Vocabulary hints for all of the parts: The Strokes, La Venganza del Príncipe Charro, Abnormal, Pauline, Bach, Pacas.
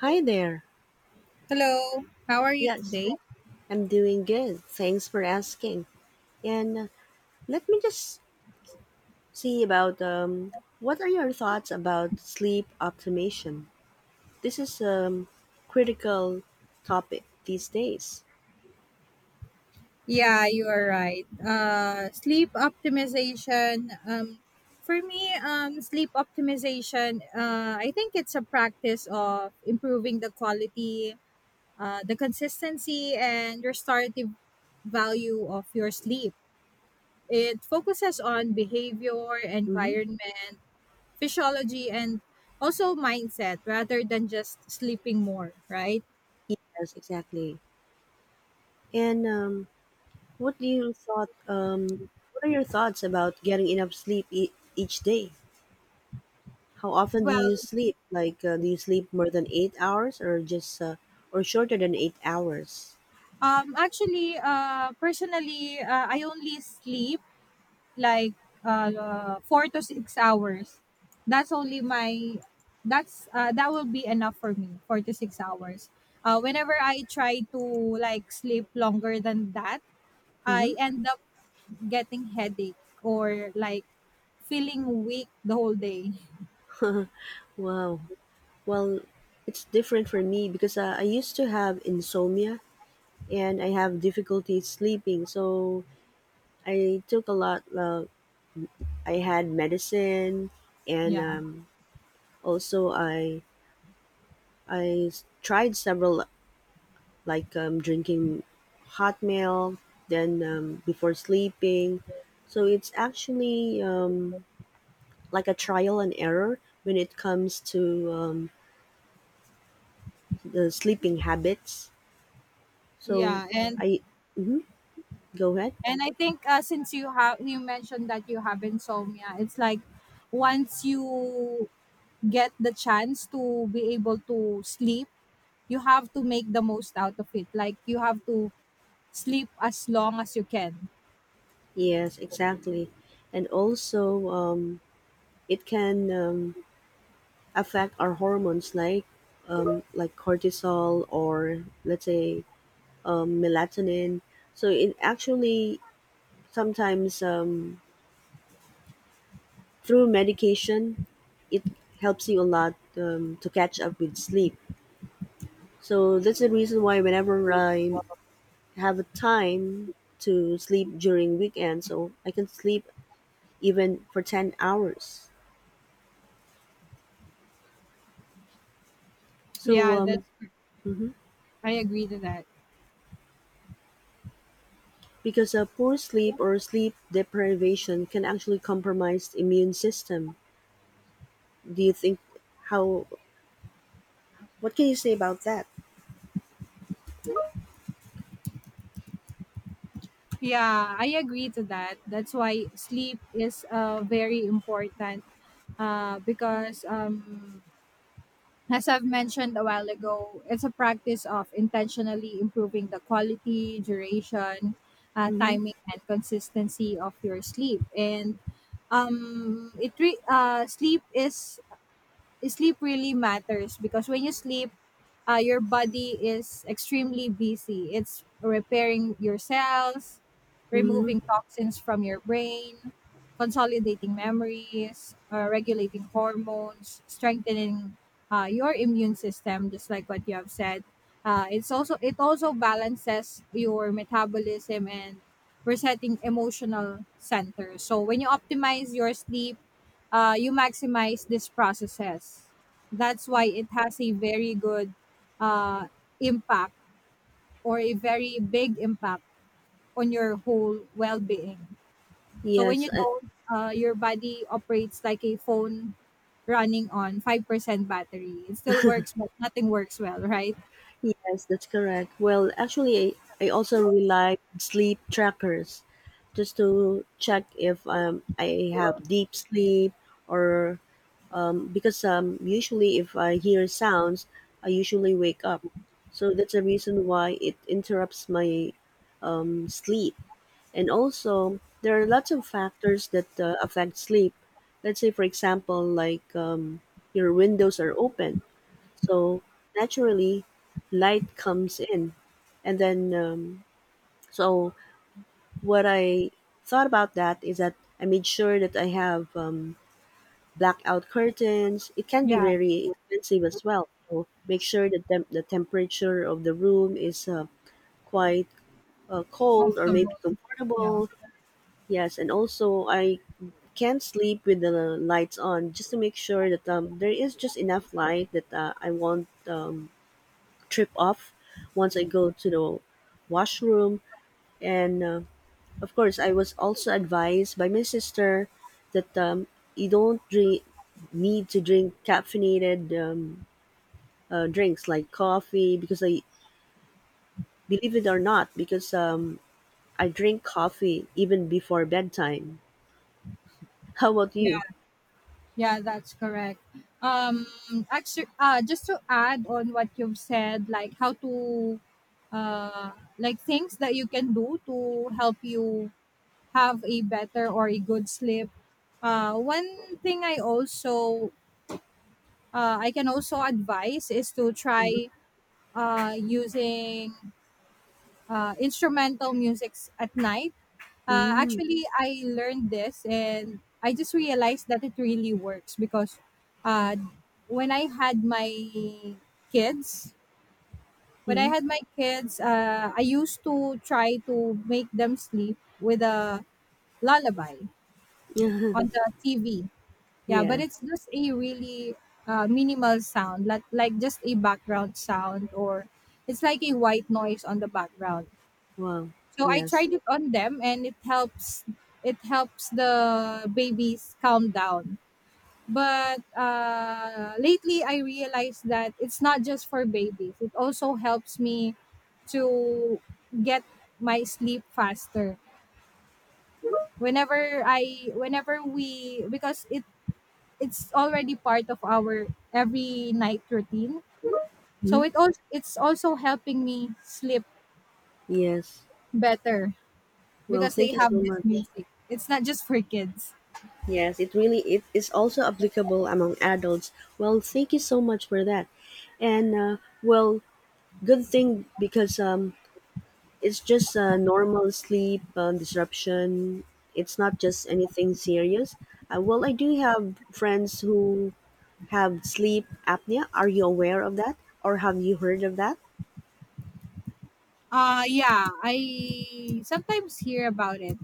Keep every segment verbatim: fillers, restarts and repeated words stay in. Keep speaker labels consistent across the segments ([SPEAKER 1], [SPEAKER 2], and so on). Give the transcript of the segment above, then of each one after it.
[SPEAKER 1] Hi there.
[SPEAKER 2] Hello, how are you
[SPEAKER 1] Yes,
[SPEAKER 2] today?
[SPEAKER 1] I'm doing good. Thanks for asking. And uh, let me just see about um, what are your thoughts about sleep optimization? This is a um, critical topic these days.
[SPEAKER 2] Yeah, you are right. Uh, sleep optimization. Um, for me, um, sleep optimization. Uh, I think it's a practice of improving the quality, uh, the consistency, and restorative value of your sleep. It focuses on behavior,
[SPEAKER 1] Mm-hmm.
[SPEAKER 2] environment, physiology, and also mindset rather than just sleeping more. Right.
[SPEAKER 1] Yes, exactly. And um, what do you thought? Um, what are your thoughts about getting enough sleep e- each day? How often do
[SPEAKER 2] Well,
[SPEAKER 1] you sleep? Like, uh, do you sleep more than eight hours, or just uh, or shorter than eight hours?
[SPEAKER 2] Um, actually, uh, personally, uh, I only sleep like uh, four to six hours. That's only my. That's uh, that will be enough for me. Four to six hours. Uh, whenever I try to like sleep longer than that,
[SPEAKER 1] Mm-hmm.
[SPEAKER 2] I end up getting headache or like feeling weak the whole day.
[SPEAKER 1] Wow. Well, it's different for me because uh, I used to have insomnia and I have difficulty sleeping. So I took a lot. Uh, I had medicine and
[SPEAKER 2] Yeah,
[SPEAKER 1] um, also I I s- tried several like um, drinking hot milk then um, before sleeping. So it's actually um, like a trial and error when it comes to um, the sleeping habits. So
[SPEAKER 2] yeah, and
[SPEAKER 1] I. mhm. Go ahead.
[SPEAKER 2] And I think uh, since you have you mentioned that you have insomnia, it's like once you get the chance to be able to sleep, you have to make the most out of it. Like you have to sleep as long as you can.
[SPEAKER 1] Yes, exactly. And also, um, it can um, affect our hormones like um, like cortisol or let's say um, melatonin. So it actually sometimes um, through medication, it helps you a lot um, to catch up with sleep. So that's the reason why whenever I have a time to sleep during weekends, so I can sleep even for ten hours. So
[SPEAKER 2] Yeah,
[SPEAKER 1] um,
[SPEAKER 2] that's
[SPEAKER 1] Mhm.
[SPEAKER 2] I agree to that.
[SPEAKER 1] Because a poor sleep or sleep deprivation can actually compromise the immune system. Do you think how what can you say about that?
[SPEAKER 2] Yeah, I agree to that. That's why sleep is uh, very important uh, because um, as I've mentioned a while ago, it's a practice of intentionally improving the quality, duration, uh,
[SPEAKER 1] Mm-hmm.
[SPEAKER 2] timing, and consistency of your sleep. And um, it re- uh, sleep is sleep really matters because when you sleep, uh, your body is extremely busy. It's repairing your cells, removing
[SPEAKER 1] Mm-hmm.
[SPEAKER 2] toxins from your brain, consolidating memories, uh, regulating hormones, strengthening uh, your immune system, just like what you have said. Uh, it's also it also balances your metabolism and resetting emotional center. So when you optimize your sleep uh, you maximize these processes. That's why it has a very good uh, impact or a very big impact on your whole well being. So when
[SPEAKER 1] Yes,
[SPEAKER 2] you
[SPEAKER 1] uh,
[SPEAKER 2] don't, uh, your body operates like a phone running on five percent battery. It still works, but nothing works well, right?
[SPEAKER 1] yes, that's correct. Well, actually, I, I also rely on sleep trackers just to check if um, I have deep sleep or because um, usually if I hear sounds, I usually wake up. So that's a reason why it interrupts my um, sleep. And also, there are lots of factors that uh, affect sleep. Let's say, for example, like um, your windows are open, so naturally, light comes in, and then um, so what I thought about that is that I made sure that I have um, blackout curtains. It can be very expensive as well. So make sure that tem- the temperature of the room is uh, quite uh, cold or maybe
[SPEAKER 2] Comfortable.
[SPEAKER 1] comfortable. Yes, and also I can't sleep with the lights on just to make sure that um, there is just enough light that uh, I won't um, trip off once I go to the washroom. And uh, Of course, I was also advised by my sister that um, you don't drink, need to drink caffeinated um, uh, drinks like coffee because I believe it or not, because um, I drink coffee even before bedtime. How about you?
[SPEAKER 2] Yeah, that's correct. Um, Actually, uh, just to add on what you've said, like how to, uh, like things that you can do to help you have a better or a good sleep. Uh, one thing I also, uh, I can also advise is to try, uh, using uh, instrumental musics at night. Uh,
[SPEAKER 1] Mm-hmm.
[SPEAKER 2] actually, I learned this and I just realized that it really works because uh, when I had my kids, when I had my kids, uh, I used to try to make them sleep with a lullaby on the T V. Yeah, but
[SPEAKER 1] yeah.
[SPEAKER 2] it's just a really uh, minimal sound, like, like just a background sound, or it's like a white noise on the background.
[SPEAKER 1] Wow.
[SPEAKER 2] So I
[SPEAKER 1] Yes.
[SPEAKER 2] tried it on them and it helps, it helps the babies calm down. But uh, lately I realized that it's not just for babies. It also helps me to get my sleep faster. Whenever I whenever we because it it's already part of our every night routine.
[SPEAKER 1] Mhm.
[SPEAKER 2] So it also it's also helping me sleep
[SPEAKER 1] Yes.
[SPEAKER 2] better
[SPEAKER 1] Well,
[SPEAKER 2] because
[SPEAKER 1] thank
[SPEAKER 2] they
[SPEAKER 1] you
[SPEAKER 2] have
[SPEAKER 1] so
[SPEAKER 2] this
[SPEAKER 1] much.
[SPEAKER 2] music. It's not just for kids.
[SPEAKER 1] Yes, it really it is also applicable among adults. Well, thank you so much for that. And uh, well, good thing because um, it's just uh, normal sleep um, disruption. It's not just anything serious. Uh, well, I do have friends who have sleep apnea. Are you aware of that, or have you heard of that?
[SPEAKER 2] Uh yeah, I sometimes hear about it.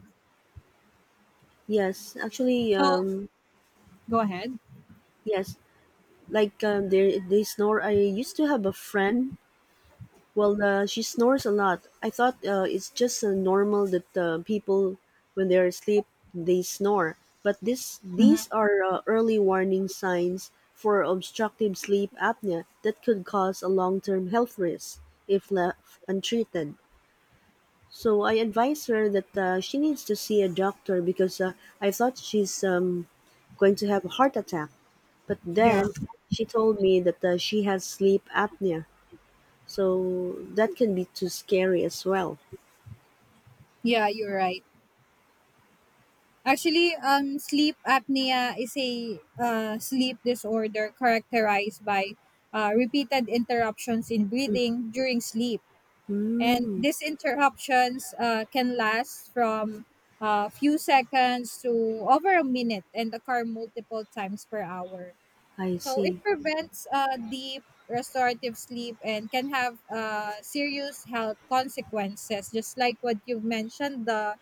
[SPEAKER 1] Yes, actually,
[SPEAKER 2] So
[SPEAKER 1] um,
[SPEAKER 2] go ahead.
[SPEAKER 1] yes. Like um, they they snore. I used to have a friend. Well, uh, she snores a lot. I thought uh, it's just uh, normal that uh, people when they are asleep they snore. But this these are uh, early warning signs for obstructive sleep apnea that could cause a long term health risk if left untreated. So I advised her that uh, she needs to see a doctor because uh, I thought she's um, going to have a heart attack. But
[SPEAKER 2] Yeah,
[SPEAKER 1] then she told me that uh, she has sleep apnea. So that can be too scary as well.
[SPEAKER 2] yeah, you're right. Actually, um, sleep apnea is a uh, sleep disorder characterized by uh, repeated interruptions in breathing during sleep. And
[SPEAKER 1] Mm,
[SPEAKER 2] these interruptions uh, can last from a few seconds to over a minute and occur multiple times per hour.
[SPEAKER 1] I
[SPEAKER 2] So it
[SPEAKER 1] see.
[SPEAKER 2] prevents uh, deep restorative sleep and can have uh, serious health consequences, just like what you've mentioned, the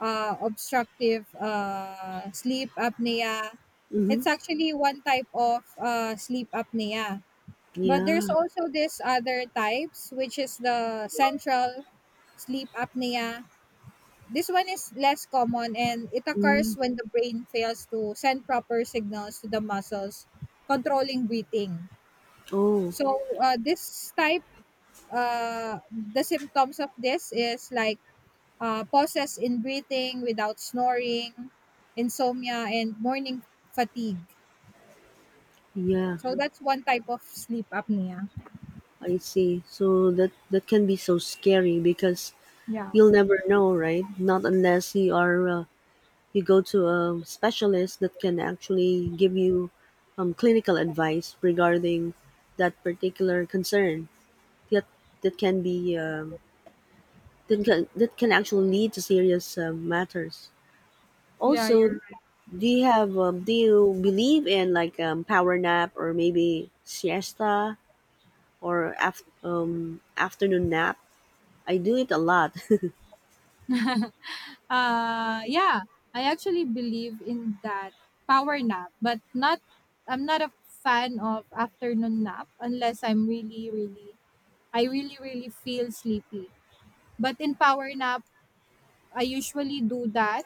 [SPEAKER 2] uh, obstructive uh, sleep apnea.
[SPEAKER 1] Mm-hmm.
[SPEAKER 2] It's actually one type of uh, sleep apnea. But there's
[SPEAKER 1] Yeah.
[SPEAKER 2] also this other types, which is the central sleep apnea. This one is less common and it occurs
[SPEAKER 1] Mm.
[SPEAKER 2] when the brain fails to send proper signals to the muscles controlling breathing.
[SPEAKER 1] Oh,
[SPEAKER 2] So uh, this type, uh, the symptoms of this is like uh, pauses in breathing without snoring, insomnia, and morning fatigue.
[SPEAKER 1] yeah.
[SPEAKER 2] So that's one type of sleep apnea.
[SPEAKER 1] I see. So that that can be so scary because you'll never know, right? Not unless you are uh, you go to a specialist that can actually give you um, clinical advice regarding that particular concern that that can be um, that can that can actually lead to serious um, matters.
[SPEAKER 2] Yeah, you're
[SPEAKER 1] Also,
[SPEAKER 2] right.
[SPEAKER 1] do you have um, do you believe in like um, power nap or maybe siesta or af- um, afternoon nap? I do it a lot.
[SPEAKER 2] Uh, yeah, I actually believe in that power nap, but not. I'm not a fan of afternoon nap unless I'm really, really, I really, really feel sleepy. But in power nap, I usually do that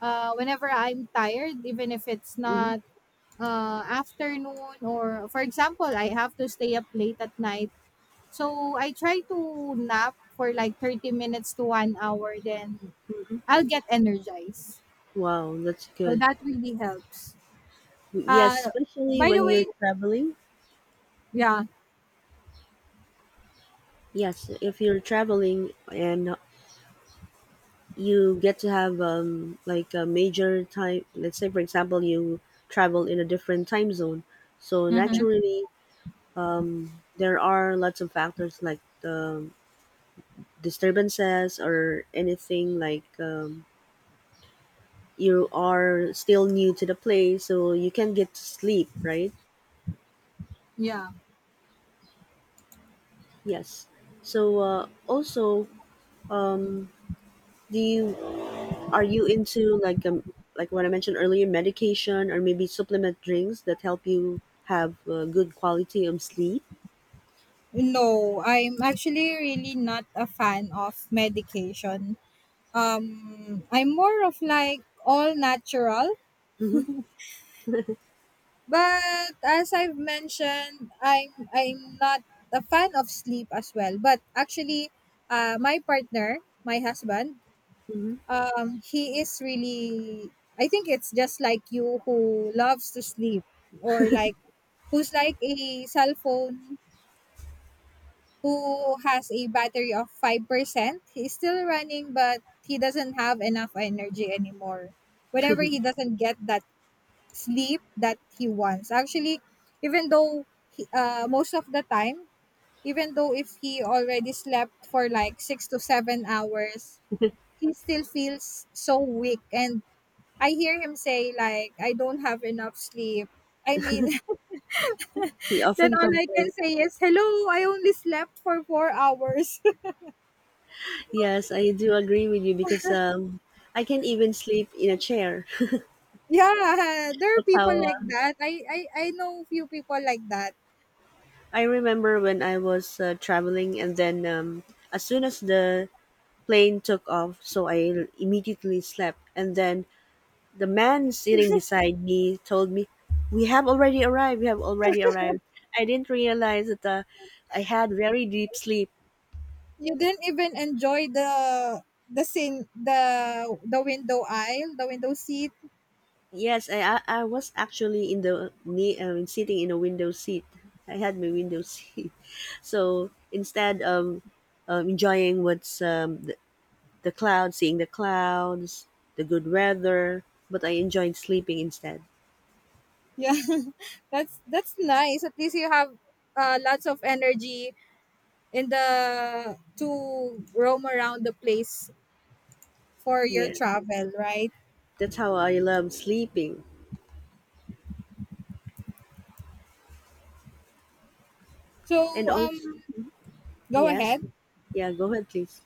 [SPEAKER 2] uh, whenever I'm tired, even if it's
[SPEAKER 1] hmm
[SPEAKER 2] not uh, afternoon or, for example, I have to stay up late at night. So I try to nap for like thirty minutes to one hour, then I'll get energized.
[SPEAKER 1] Wow, that's
[SPEAKER 2] So
[SPEAKER 1] good.
[SPEAKER 2] that really helps.
[SPEAKER 1] Yes,
[SPEAKER 2] Uh,
[SPEAKER 1] especially
[SPEAKER 2] by the
[SPEAKER 1] when
[SPEAKER 2] way,
[SPEAKER 1] you're traveling.
[SPEAKER 2] yeah.
[SPEAKER 1] Yes, if you're traveling and you get to have um, like a major time, let's say for example you travel in a different time zone, so
[SPEAKER 2] Mm-hmm.
[SPEAKER 1] naturally um, there are lots of factors like the disturbances or anything like um, you are still new to the place, so you can't get to sleep, right?
[SPEAKER 2] Yeah.
[SPEAKER 1] Yes. So uh, also, um, do you Are you into like um like what I mentioned earlier, medication or maybe supplement drinks that help you have uh, good quality of sleep?
[SPEAKER 2] No, I'm actually really not a fan of medication. Um, I'm more of like all natural.
[SPEAKER 1] Hmm
[SPEAKER 2] But as I've mentioned, I'm I'm not a fan of sleep as well. But actually, uh, my partner, my husband,
[SPEAKER 1] hmm
[SPEAKER 2] um, he is really. I think it's just like you who loves to sleep, or like who's like a cell phone who has a battery of five percent. He's still running, but he doesn't have enough energy anymore. Whenever he doesn't get that sleep that he wants. Actually, even though he, uh, most of the time, even though if he already slept for like six to seven hours, he still feels so weak. And I hear him say like, "I don't have enough sleep." I mean,
[SPEAKER 1] We
[SPEAKER 2] then
[SPEAKER 1] often
[SPEAKER 2] all I
[SPEAKER 1] complain.
[SPEAKER 2] can say is, "Hello, I only slept for four hours."
[SPEAKER 1] Yes, I do agree with you because um, I can't even sleep in a chair.
[SPEAKER 2] Yeah, there are
[SPEAKER 1] That's
[SPEAKER 2] people
[SPEAKER 1] how uh,
[SPEAKER 2] like that. I I I know few people like that.
[SPEAKER 1] I remember when I was uh, traveling, and then um, as soon as the plane took off, so I immediately slept, and then the man sitting beside me told me, "We have already arrived. We have already arrived." I didn't realize that uh, I had very deep sleep.
[SPEAKER 2] You didn't even enjoy the the scene the the window aisle, the window seat.
[SPEAKER 1] Yes, I I, I was actually in the ne- uh, sitting in a window seat. I had my window seat, so instead of um, enjoying what's um, the, the clouds, seeing the clouds, the good weather, but I enjoyed sleeping instead.
[SPEAKER 2] Yeah. that's that's nice. At least you have uh, lots of energy in the to roam around the place for your
[SPEAKER 1] Yeah,
[SPEAKER 2] travel, right?
[SPEAKER 1] that's how I love sleeping.
[SPEAKER 2] So
[SPEAKER 1] And
[SPEAKER 2] um
[SPEAKER 1] also,
[SPEAKER 2] go
[SPEAKER 1] yes,
[SPEAKER 2] ahead.
[SPEAKER 1] yeah, go ahead, please.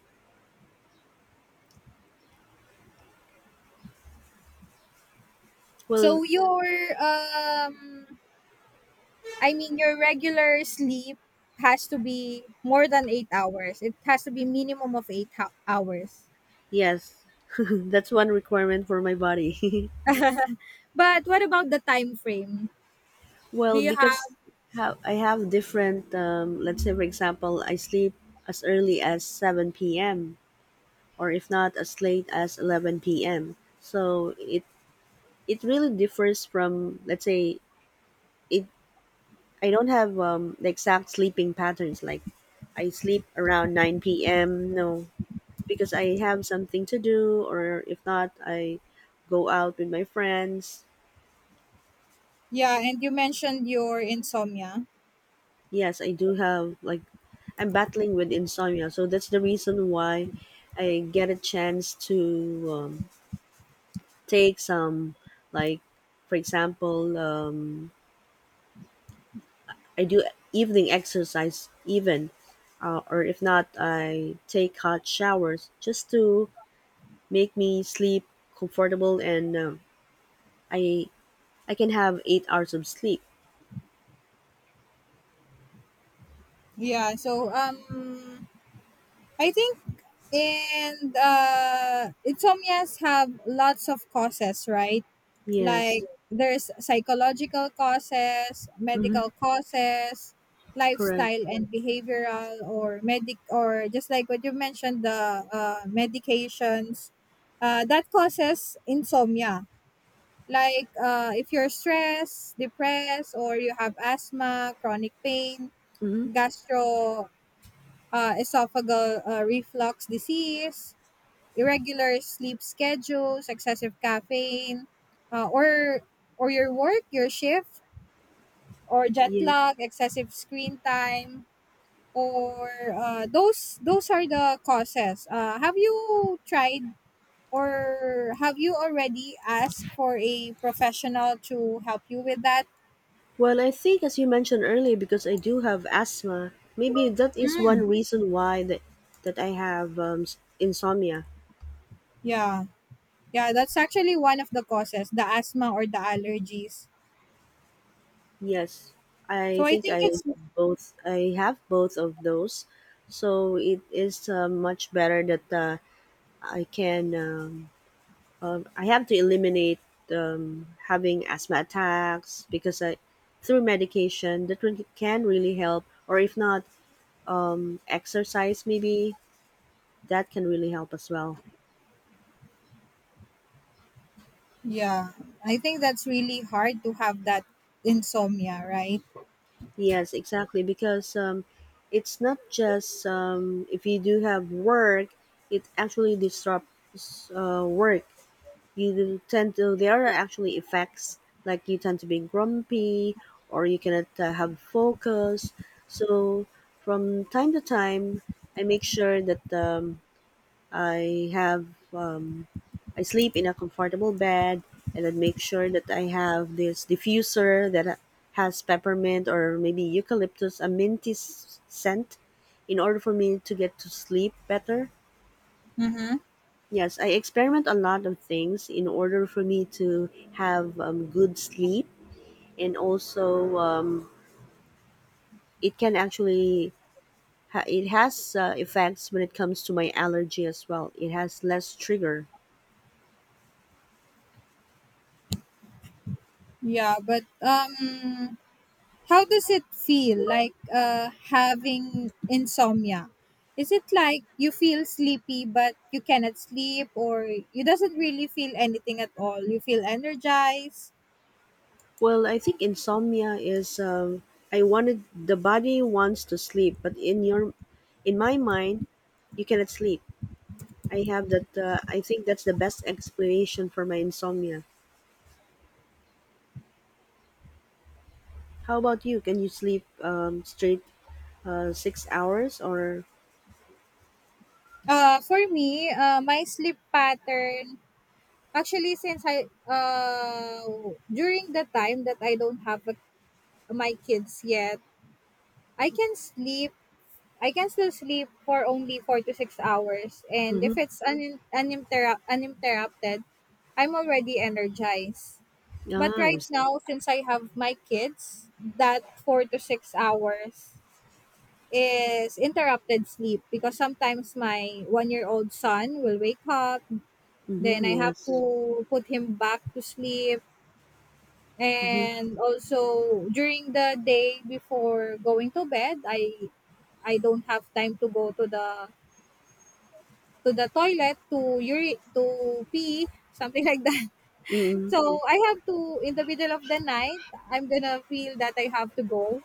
[SPEAKER 1] Well,
[SPEAKER 2] So your um I mean Your regular sleep has to be more than eight hours. It has to be minimum of eight ho- hours.
[SPEAKER 1] yes, that's one requirement for my body.
[SPEAKER 2] But what about the time frame? Do
[SPEAKER 1] well,
[SPEAKER 2] you have
[SPEAKER 1] because ha- I have different, um, let's say, for example, I sleep as early as seven p m or if not, as late as eleven p m. So it it really differs from, let's say, it. I don't have um, the exact sleeping patterns. Like I sleep around nine p m. No, because I have something to do, or if not, I go out with my friends.
[SPEAKER 2] Yeah, and you mentioned your insomnia.
[SPEAKER 1] Yes, I do have like I'm battling with insomnia, so that's the reason why I get a chance to um, take some like for example, um, I do evening exercise even uh, or if not I take hot showers just to make me sleep comfortable and um, I I can have eight hours of sleep.
[SPEAKER 2] Yeah, so um I think and uh, insomnias have lots of causes, right? Like
[SPEAKER 1] Yes.
[SPEAKER 2] there's psychological causes,
[SPEAKER 1] Mhm.
[SPEAKER 2] medical causes,
[SPEAKER 1] Correct.
[SPEAKER 2] lifestyle and behavioral, or medic or just like what you mentioned, the uh medications uh that causes insomnia. Like uh, if you're stressed, depressed, or you have asthma, chronic pain,
[SPEAKER 1] Mhm.
[SPEAKER 2] gastro uh, esophageal uh, reflux disease, irregular sleep schedules, excessive caffeine, uh, or or your work, your shift, or jet
[SPEAKER 1] Yes.
[SPEAKER 2] lag, excessive screen time, or uh, those those are the causes. Uh, have you tried or have you already asked for a professional to help you with that?
[SPEAKER 1] Well, I think, as you mentioned earlier, because I do have asthma, maybe that is one reason why that, that I have um, s- insomnia.
[SPEAKER 2] Yeah. Yeah, that's actually one of the causes, the asthma or the allergies.
[SPEAKER 1] Yes, I
[SPEAKER 2] So I
[SPEAKER 1] think
[SPEAKER 2] think
[SPEAKER 1] I
[SPEAKER 2] it's,
[SPEAKER 1] both I have both of those, so it is uh, much better that uh, I can um, um, I have to eliminate um, having asthma attacks because I through medication that really- can really help, or if not, um, exercise maybe that can really help as well.
[SPEAKER 2] yeah, I think that's really hard to have that insomnia, right?
[SPEAKER 1] Yes, exactly. Because um, it's not just um, if you do have work, it actually disrupts uh, work. You do tend to, there are actually effects like you tend to be grumpy or you cannot uh, have focus. So from time to time, I make sure that um, I have um, I sleep in a comfortable bed and then make sure that I have this diffuser that ha- has peppermint or maybe eucalyptus, a minty s- scent in order for me to get to sleep better.
[SPEAKER 2] Mhm.
[SPEAKER 1] Yes, I experiment a lot of things in order for me to have um, good sleep and also um, it can actually ha- it has uh, effects when it comes to my allergy as well. It has less trigger.
[SPEAKER 2] Yeah, but um How does it feel like uh having insomnia? Is it like you feel sleepy but you cannot sleep or you doesn't really feel anything at all? You feel energized?
[SPEAKER 1] Well, I think insomnia is um, I wanted the body wants to sleep, but in your in my mind, you cannot sleep. I have that. Uh, I think that's the best explanation for my insomnia. How about you? Can you sleep um, straight uh, six hours or?
[SPEAKER 2] Uh for me, uh my sleep pattern. Actually, since I uh during the time that I don't have a, my kids yet, I can sleep. I can still sleep for only four to six hours, and if
[SPEAKER 1] Mm-hmm.
[SPEAKER 2] it's un, uninterrupt, uninterrupted, I'm already energized.
[SPEAKER 1] Ah,
[SPEAKER 2] But
[SPEAKER 1] I
[SPEAKER 2] right
[SPEAKER 1] see.
[SPEAKER 2] now, since I have my kids, that four to six hours is interrupted sleep because sometimes my one year old son will wake up,
[SPEAKER 1] Mm-hmm,
[SPEAKER 2] then I have
[SPEAKER 1] yes.
[SPEAKER 2] to put him back to sleep.
[SPEAKER 1] Mm-hmm.
[SPEAKER 2] And also during the day before going to bed, i i don't have time to go to the to the toilet to uri- to pee something like that.
[SPEAKER 1] Mm-hmm.
[SPEAKER 2] So I have to, in the middle of the night, I'm gonna feel that I have to go.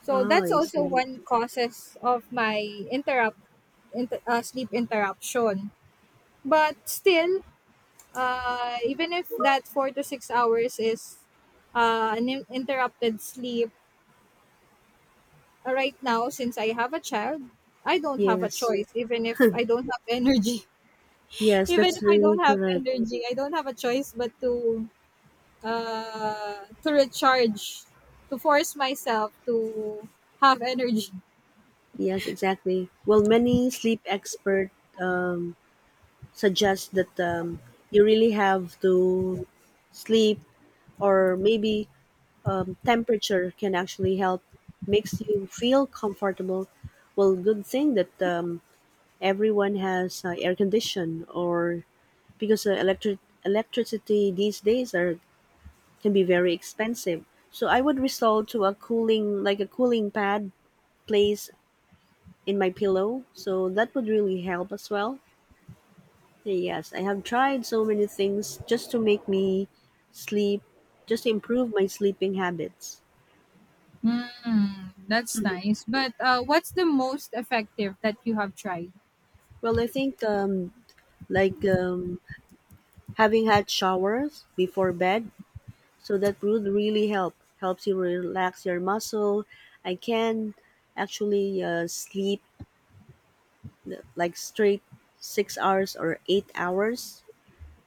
[SPEAKER 2] So
[SPEAKER 1] Ah,
[SPEAKER 2] that's
[SPEAKER 1] I
[SPEAKER 2] also
[SPEAKER 1] see.
[SPEAKER 2] one causes of my interrupt inter, uh, sleep interruption. But still, uh, even if that four to six hours is uh, an in- interrupted sleep, Uh, right now, since I have a child, I don't have a
[SPEAKER 1] Yes.
[SPEAKER 2] choice, even if I don't have energy.
[SPEAKER 1] Yes,
[SPEAKER 2] Even
[SPEAKER 1] that's
[SPEAKER 2] if I
[SPEAKER 1] really
[SPEAKER 2] don't have
[SPEAKER 1] correct.
[SPEAKER 2] energy, I don't have a choice but to uh, to recharge, to force myself to have energy.
[SPEAKER 1] Yes, exactly. Well, many sleep expert uh, suggests that um, you really have to sleep or maybe um, temperature can actually help makes you feel comfortable well good thing that um, everyone has uh, air condition or because uh, electric electricity these days are can be very expensive so I would resort to a cooling like a cooling pad place in my pillow so that would really help as well. Yes, I have tried so many things just to make me sleep, just to improve my sleeping habits.
[SPEAKER 2] Hmm, that's nice. But uh, what's the most effective that you have tried?
[SPEAKER 1] Well, I think um, like um, having hot showers before bed, so that would really help. Helps you relax your muscle. I can actually uh, sleep uh, like straight six hours or eight hours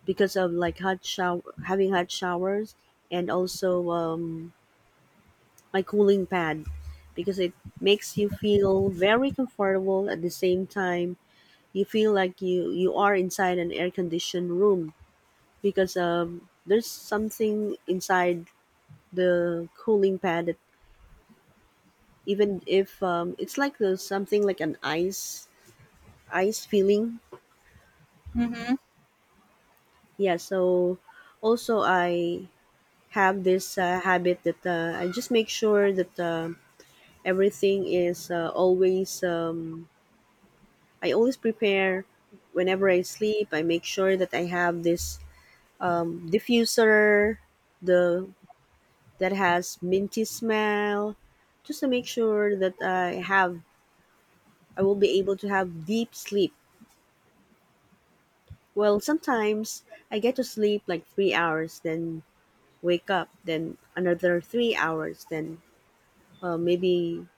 [SPEAKER 1] because of like hot shower, having hot showers, and also um, my cooling pad because it makes you feel very comfortable at the same time you feel like you you are inside an air conditioned room because um there's something inside the cooling pad that even if um, it's like there's something like an ice ice feeling, yeah. So also i have this uh, habit that uh, I just make sure that uh, everything is uh, always um, I always prepare whenever I sleep. I make sure that I have this um, diffuser, the that has minty smell, just to make sure that I have I will be able to have deep sleep. Well, sometimes I get to sleep like three hours, then wake up, then another three hours, then uh, maybe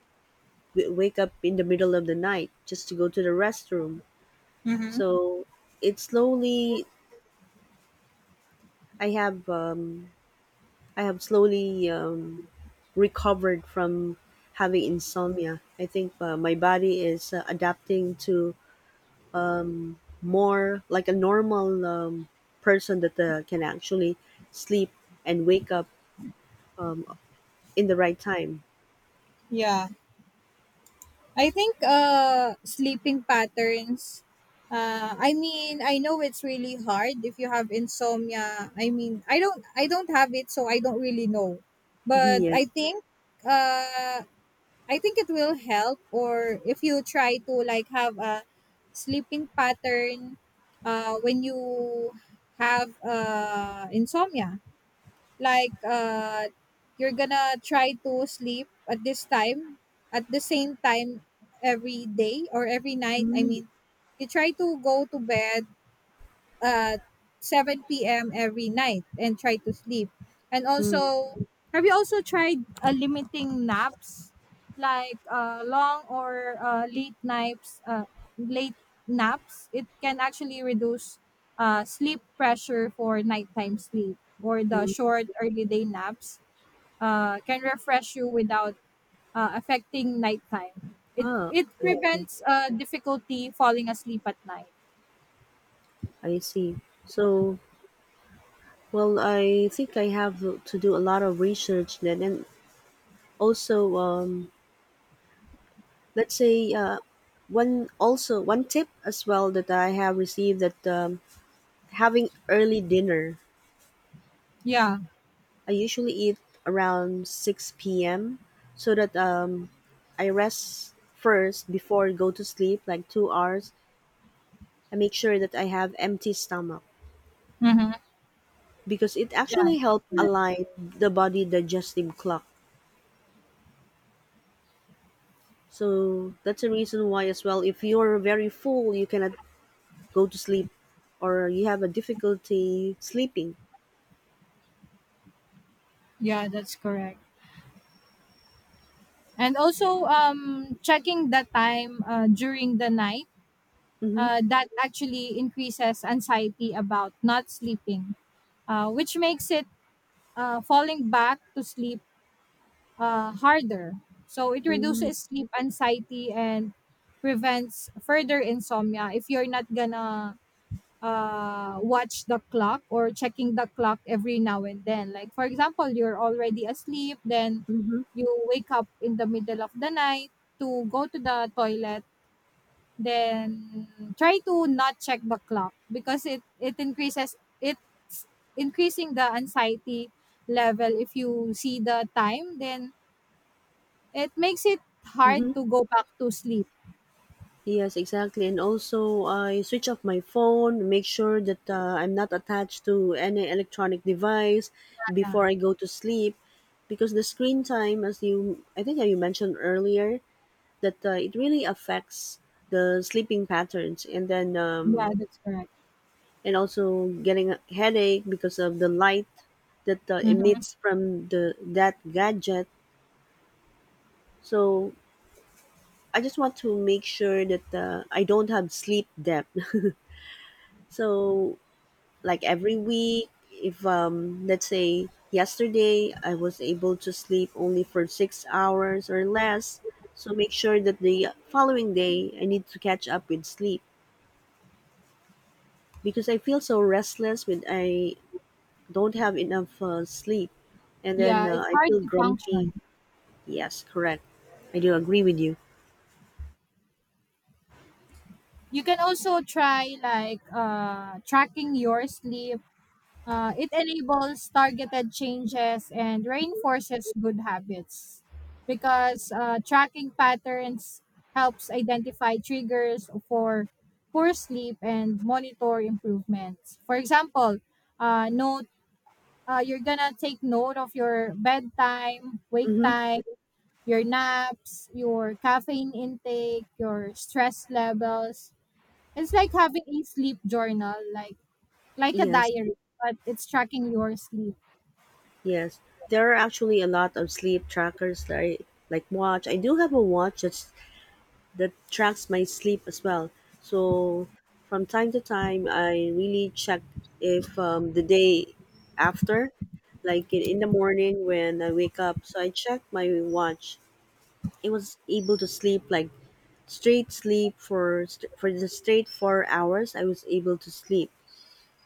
[SPEAKER 1] w- wake up in the middle of the night just to go to the restroom. So it slowly I have um, I have slowly um, recovered from having insomnia. I think uh, my body is uh, adapting to more like a normal um, person that uh, can actually sleep and wake up in the right time.
[SPEAKER 2] Yeah. I think uh sleeping patterns, uh I mean, I know it's really hard if you have insomnia. I mean, I don't I don't have it, so I don't really know.
[SPEAKER 1] Mhm,
[SPEAKER 2] But
[SPEAKER 1] yeah.
[SPEAKER 2] I think uh I think it will help or if you try to like have a sleeping pattern uh when you have uh insomnia, like uh you're gonna try to sleep at this time, at the same time every day or every night. I
[SPEAKER 1] Mm.
[SPEAKER 2] mean, you try to go to bed at seven p m every night and try to sleep. And
[SPEAKER 1] Mm.
[SPEAKER 2] also, have you also tried uh, limiting naps, like uh, long or uh, late naps? Uh, late naps, it can actually reduce uh, sleep pressure for nighttime sleep. Or the
[SPEAKER 1] Mm.
[SPEAKER 2] short early day naps uh, can refresh you without uh, affecting nighttime. It
[SPEAKER 1] Ah,
[SPEAKER 2] it
[SPEAKER 1] I see.
[SPEAKER 2] prevents uh, difficulty falling asleep at night.
[SPEAKER 1] I see. So, well, I think I have to do a lot of research then, and also um, let's say uh, one also one tip as well that I have received, that um, having early dinner.
[SPEAKER 2] Yeah.
[SPEAKER 1] I usually eat around six p m so that um, I rest first before I go to sleep, like two hours. I make sure that I have empty stomach,
[SPEAKER 2] Mm-hmm.
[SPEAKER 1] because it
[SPEAKER 2] Yeah.
[SPEAKER 1] actually helps align the body digestive clock. So that's a reason why as well. If you're very full, you cannot go to sleep, or you have a difficulty sleeping.
[SPEAKER 2] Yeah, that's correct. And also, um, checking the time uh, during the night,
[SPEAKER 1] Hmm.
[SPEAKER 2] uh, that actually increases anxiety about not sleeping, uh, which makes it uh, falling back to sleep uh, harder. So it
[SPEAKER 1] Mm,
[SPEAKER 2] reduces sleep anxiety and prevents further insomnia if you're not gonna uh watch the clock or checking the clock every now and then. Like, for example, you're already asleep, then
[SPEAKER 1] mhm,
[SPEAKER 2] you wake up in the middle of the night to go to the toilet, then try to not check the clock because it it increases, it's increasing the anxiety level. If you see the time, then it makes it
[SPEAKER 1] mhm.
[SPEAKER 2] hard to go back to sleep.
[SPEAKER 1] Yes, exactly. And also, I switch off my phone, make sure that uh, I'm not attached to any electronic device
[SPEAKER 2] Yeah,
[SPEAKER 1] before I go to sleep, because the screen time, as you, I think you mentioned earlier, that uh, it really affects the sleeping patterns, and then
[SPEAKER 2] yeah,
[SPEAKER 1] um,
[SPEAKER 2] that's correct.
[SPEAKER 1] and also getting a headache because of the light that uh,
[SPEAKER 2] Hmm.
[SPEAKER 1] emits from the that gadget. So I just want to make sure that uh, I don't have sleep debt. So, like every week, if um, let's say yesterday I was able to sleep only for six hours or less, so make sure that the following day I need to catch up with sleep, because I feel so restless when I don't have enough uh, sleep, and then
[SPEAKER 2] Yeah,
[SPEAKER 1] uh,
[SPEAKER 2] it's
[SPEAKER 1] I
[SPEAKER 2] hard
[SPEAKER 1] feel
[SPEAKER 2] to
[SPEAKER 1] grumpy.
[SPEAKER 2] function.
[SPEAKER 1] Yes, correct. I do agree with you.
[SPEAKER 2] You can also try like uh, tracking your sleep. Uh, it enables targeted changes and reinforces good habits because uh, tracking patterns helps identify triggers for poor sleep and monitor improvements. For example, uh, note uh, you're gonna take note of your bedtime, wake
[SPEAKER 1] Mm-hmm.
[SPEAKER 2] time, your naps, your caffeine intake, your stress levels. It's like having a sleep journal, like like a
[SPEAKER 1] Yes.
[SPEAKER 2] diary, but it's tracking your sleep.
[SPEAKER 1] Yes, there are actually a lot of sleep trackers that I like watch. I do have a watch that's that tracks my sleep as well. So from time to time, I really check if um, the day after, like in, in the morning when I wake up. So I check my watch. It was able to sleep like straight sleep for st- for the straight four hours I was able to sleep,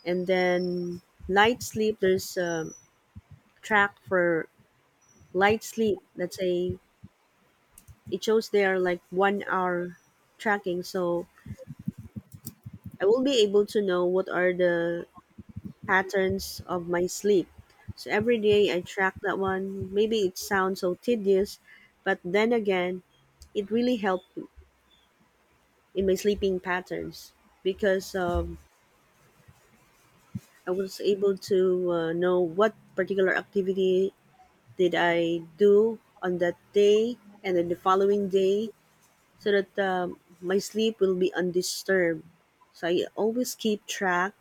[SPEAKER 1] and then light sleep. There's um, track for light sleep. Let's say it shows there like one hour tracking, so I will be able to know what are the patterns of my sleep. So every day I track that one. Maybe it sounds so tedious, but then again, it really helped in my sleeping patterns, because um, I was able to uh, know what particular activity did I do on that day and then the following day, so that um, my sleep will be undisturbed. So I always keep track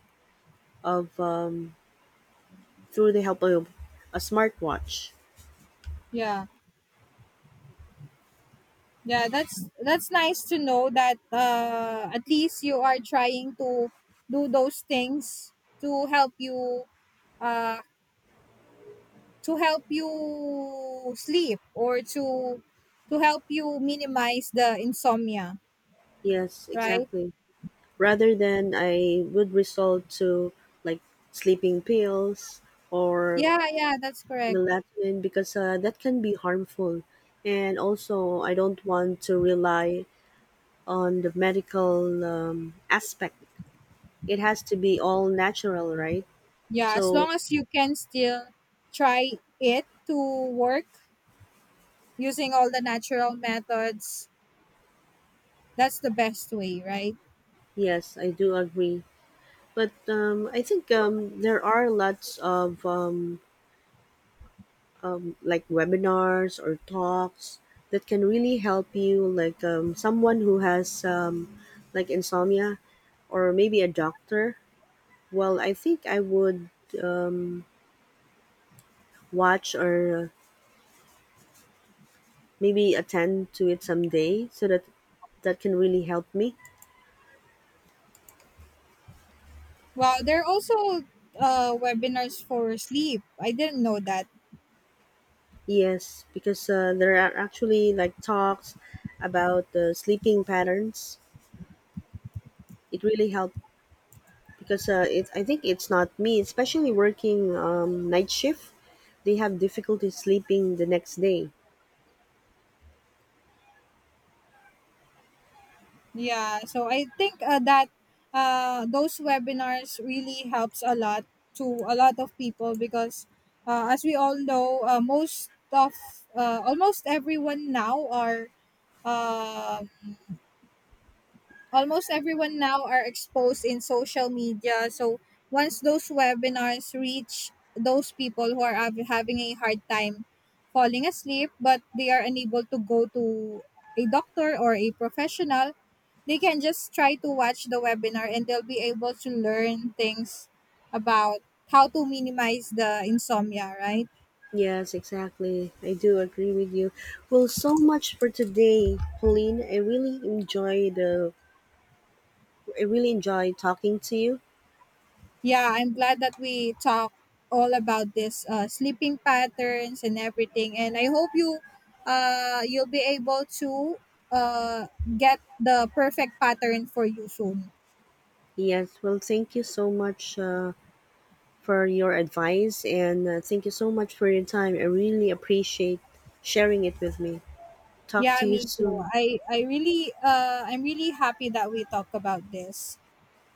[SPEAKER 1] of um, through the help of a smartwatch.
[SPEAKER 2] Yeah. Yeah, that's that's nice to know that uh at least you are trying to do those things to help you uh to help you sleep or to to help you minimize the insomnia,
[SPEAKER 1] Yes,
[SPEAKER 2] right?
[SPEAKER 1] exactly. Rather than I would resort to like sleeping pills or
[SPEAKER 2] Yeah, yeah, that's correct.
[SPEAKER 1] melatonin, because uh, that can be harmful. And also, I don't want to rely on the medical um, aspect. It has to be all natural, right?
[SPEAKER 2] Yeah, as
[SPEAKER 1] So,
[SPEAKER 2] long as you can still try it to work using all the natural methods, that's the best way, right?
[SPEAKER 1] yes, I do agree, but um, I think um, there are lots of um, um, like webinars or talks that can really help you, like um, someone who has um, like insomnia, or maybe a doctor. Well, I think I would um, watch or maybe attend to it someday, so that that can really help me.
[SPEAKER 2] Wow, there are also uh webinars for sleep, I didn't know that.
[SPEAKER 1] Yes, because uh, there are actually like talks about the sleeping patterns. It really helped because uh, it, I think it's not me, especially working um, night shift. They have difficulty sleeping the next day.
[SPEAKER 2] Yeah so I think uh, that uh Those webinars really helps a lot to a lot of people because uh, as we all know, uh, most of uh, almost everyone now are um almost everyone now are exposed in social media. So once those webinars reach those people who are hav- having a hard time falling asleep, but they are unable to go to a doctor or a professional, they can just try to watch the webinar and they'll be able to learn things about how to minimize the insomnia, right?
[SPEAKER 1] Yes, exactly. I do agree with you. Well, so much for today, Pauline. I really enjoy the. I really enjoy talking to you.
[SPEAKER 2] Yeah, I'm glad that we talk all about this uh, sleeping patterns and everything, and I hope you uh you'll be able to uh get the perfect pattern for you soon.
[SPEAKER 1] Yes. Well, thank you so much uh, for your advice, and uh, thank you so much for your time. I really appreciate sharing it with me. Talk
[SPEAKER 2] Yeah,
[SPEAKER 1] to you
[SPEAKER 2] me too.
[SPEAKER 1] soon.
[SPEAKER 2] I I really uh I'm really happy that we talk about this.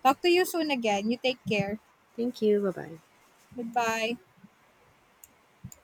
[SPEAKER 2] Talk to you soon again. You take care.
[SPEAKER 1] Thank you. Bye bye.
[SPEAKER 2] Goodbye.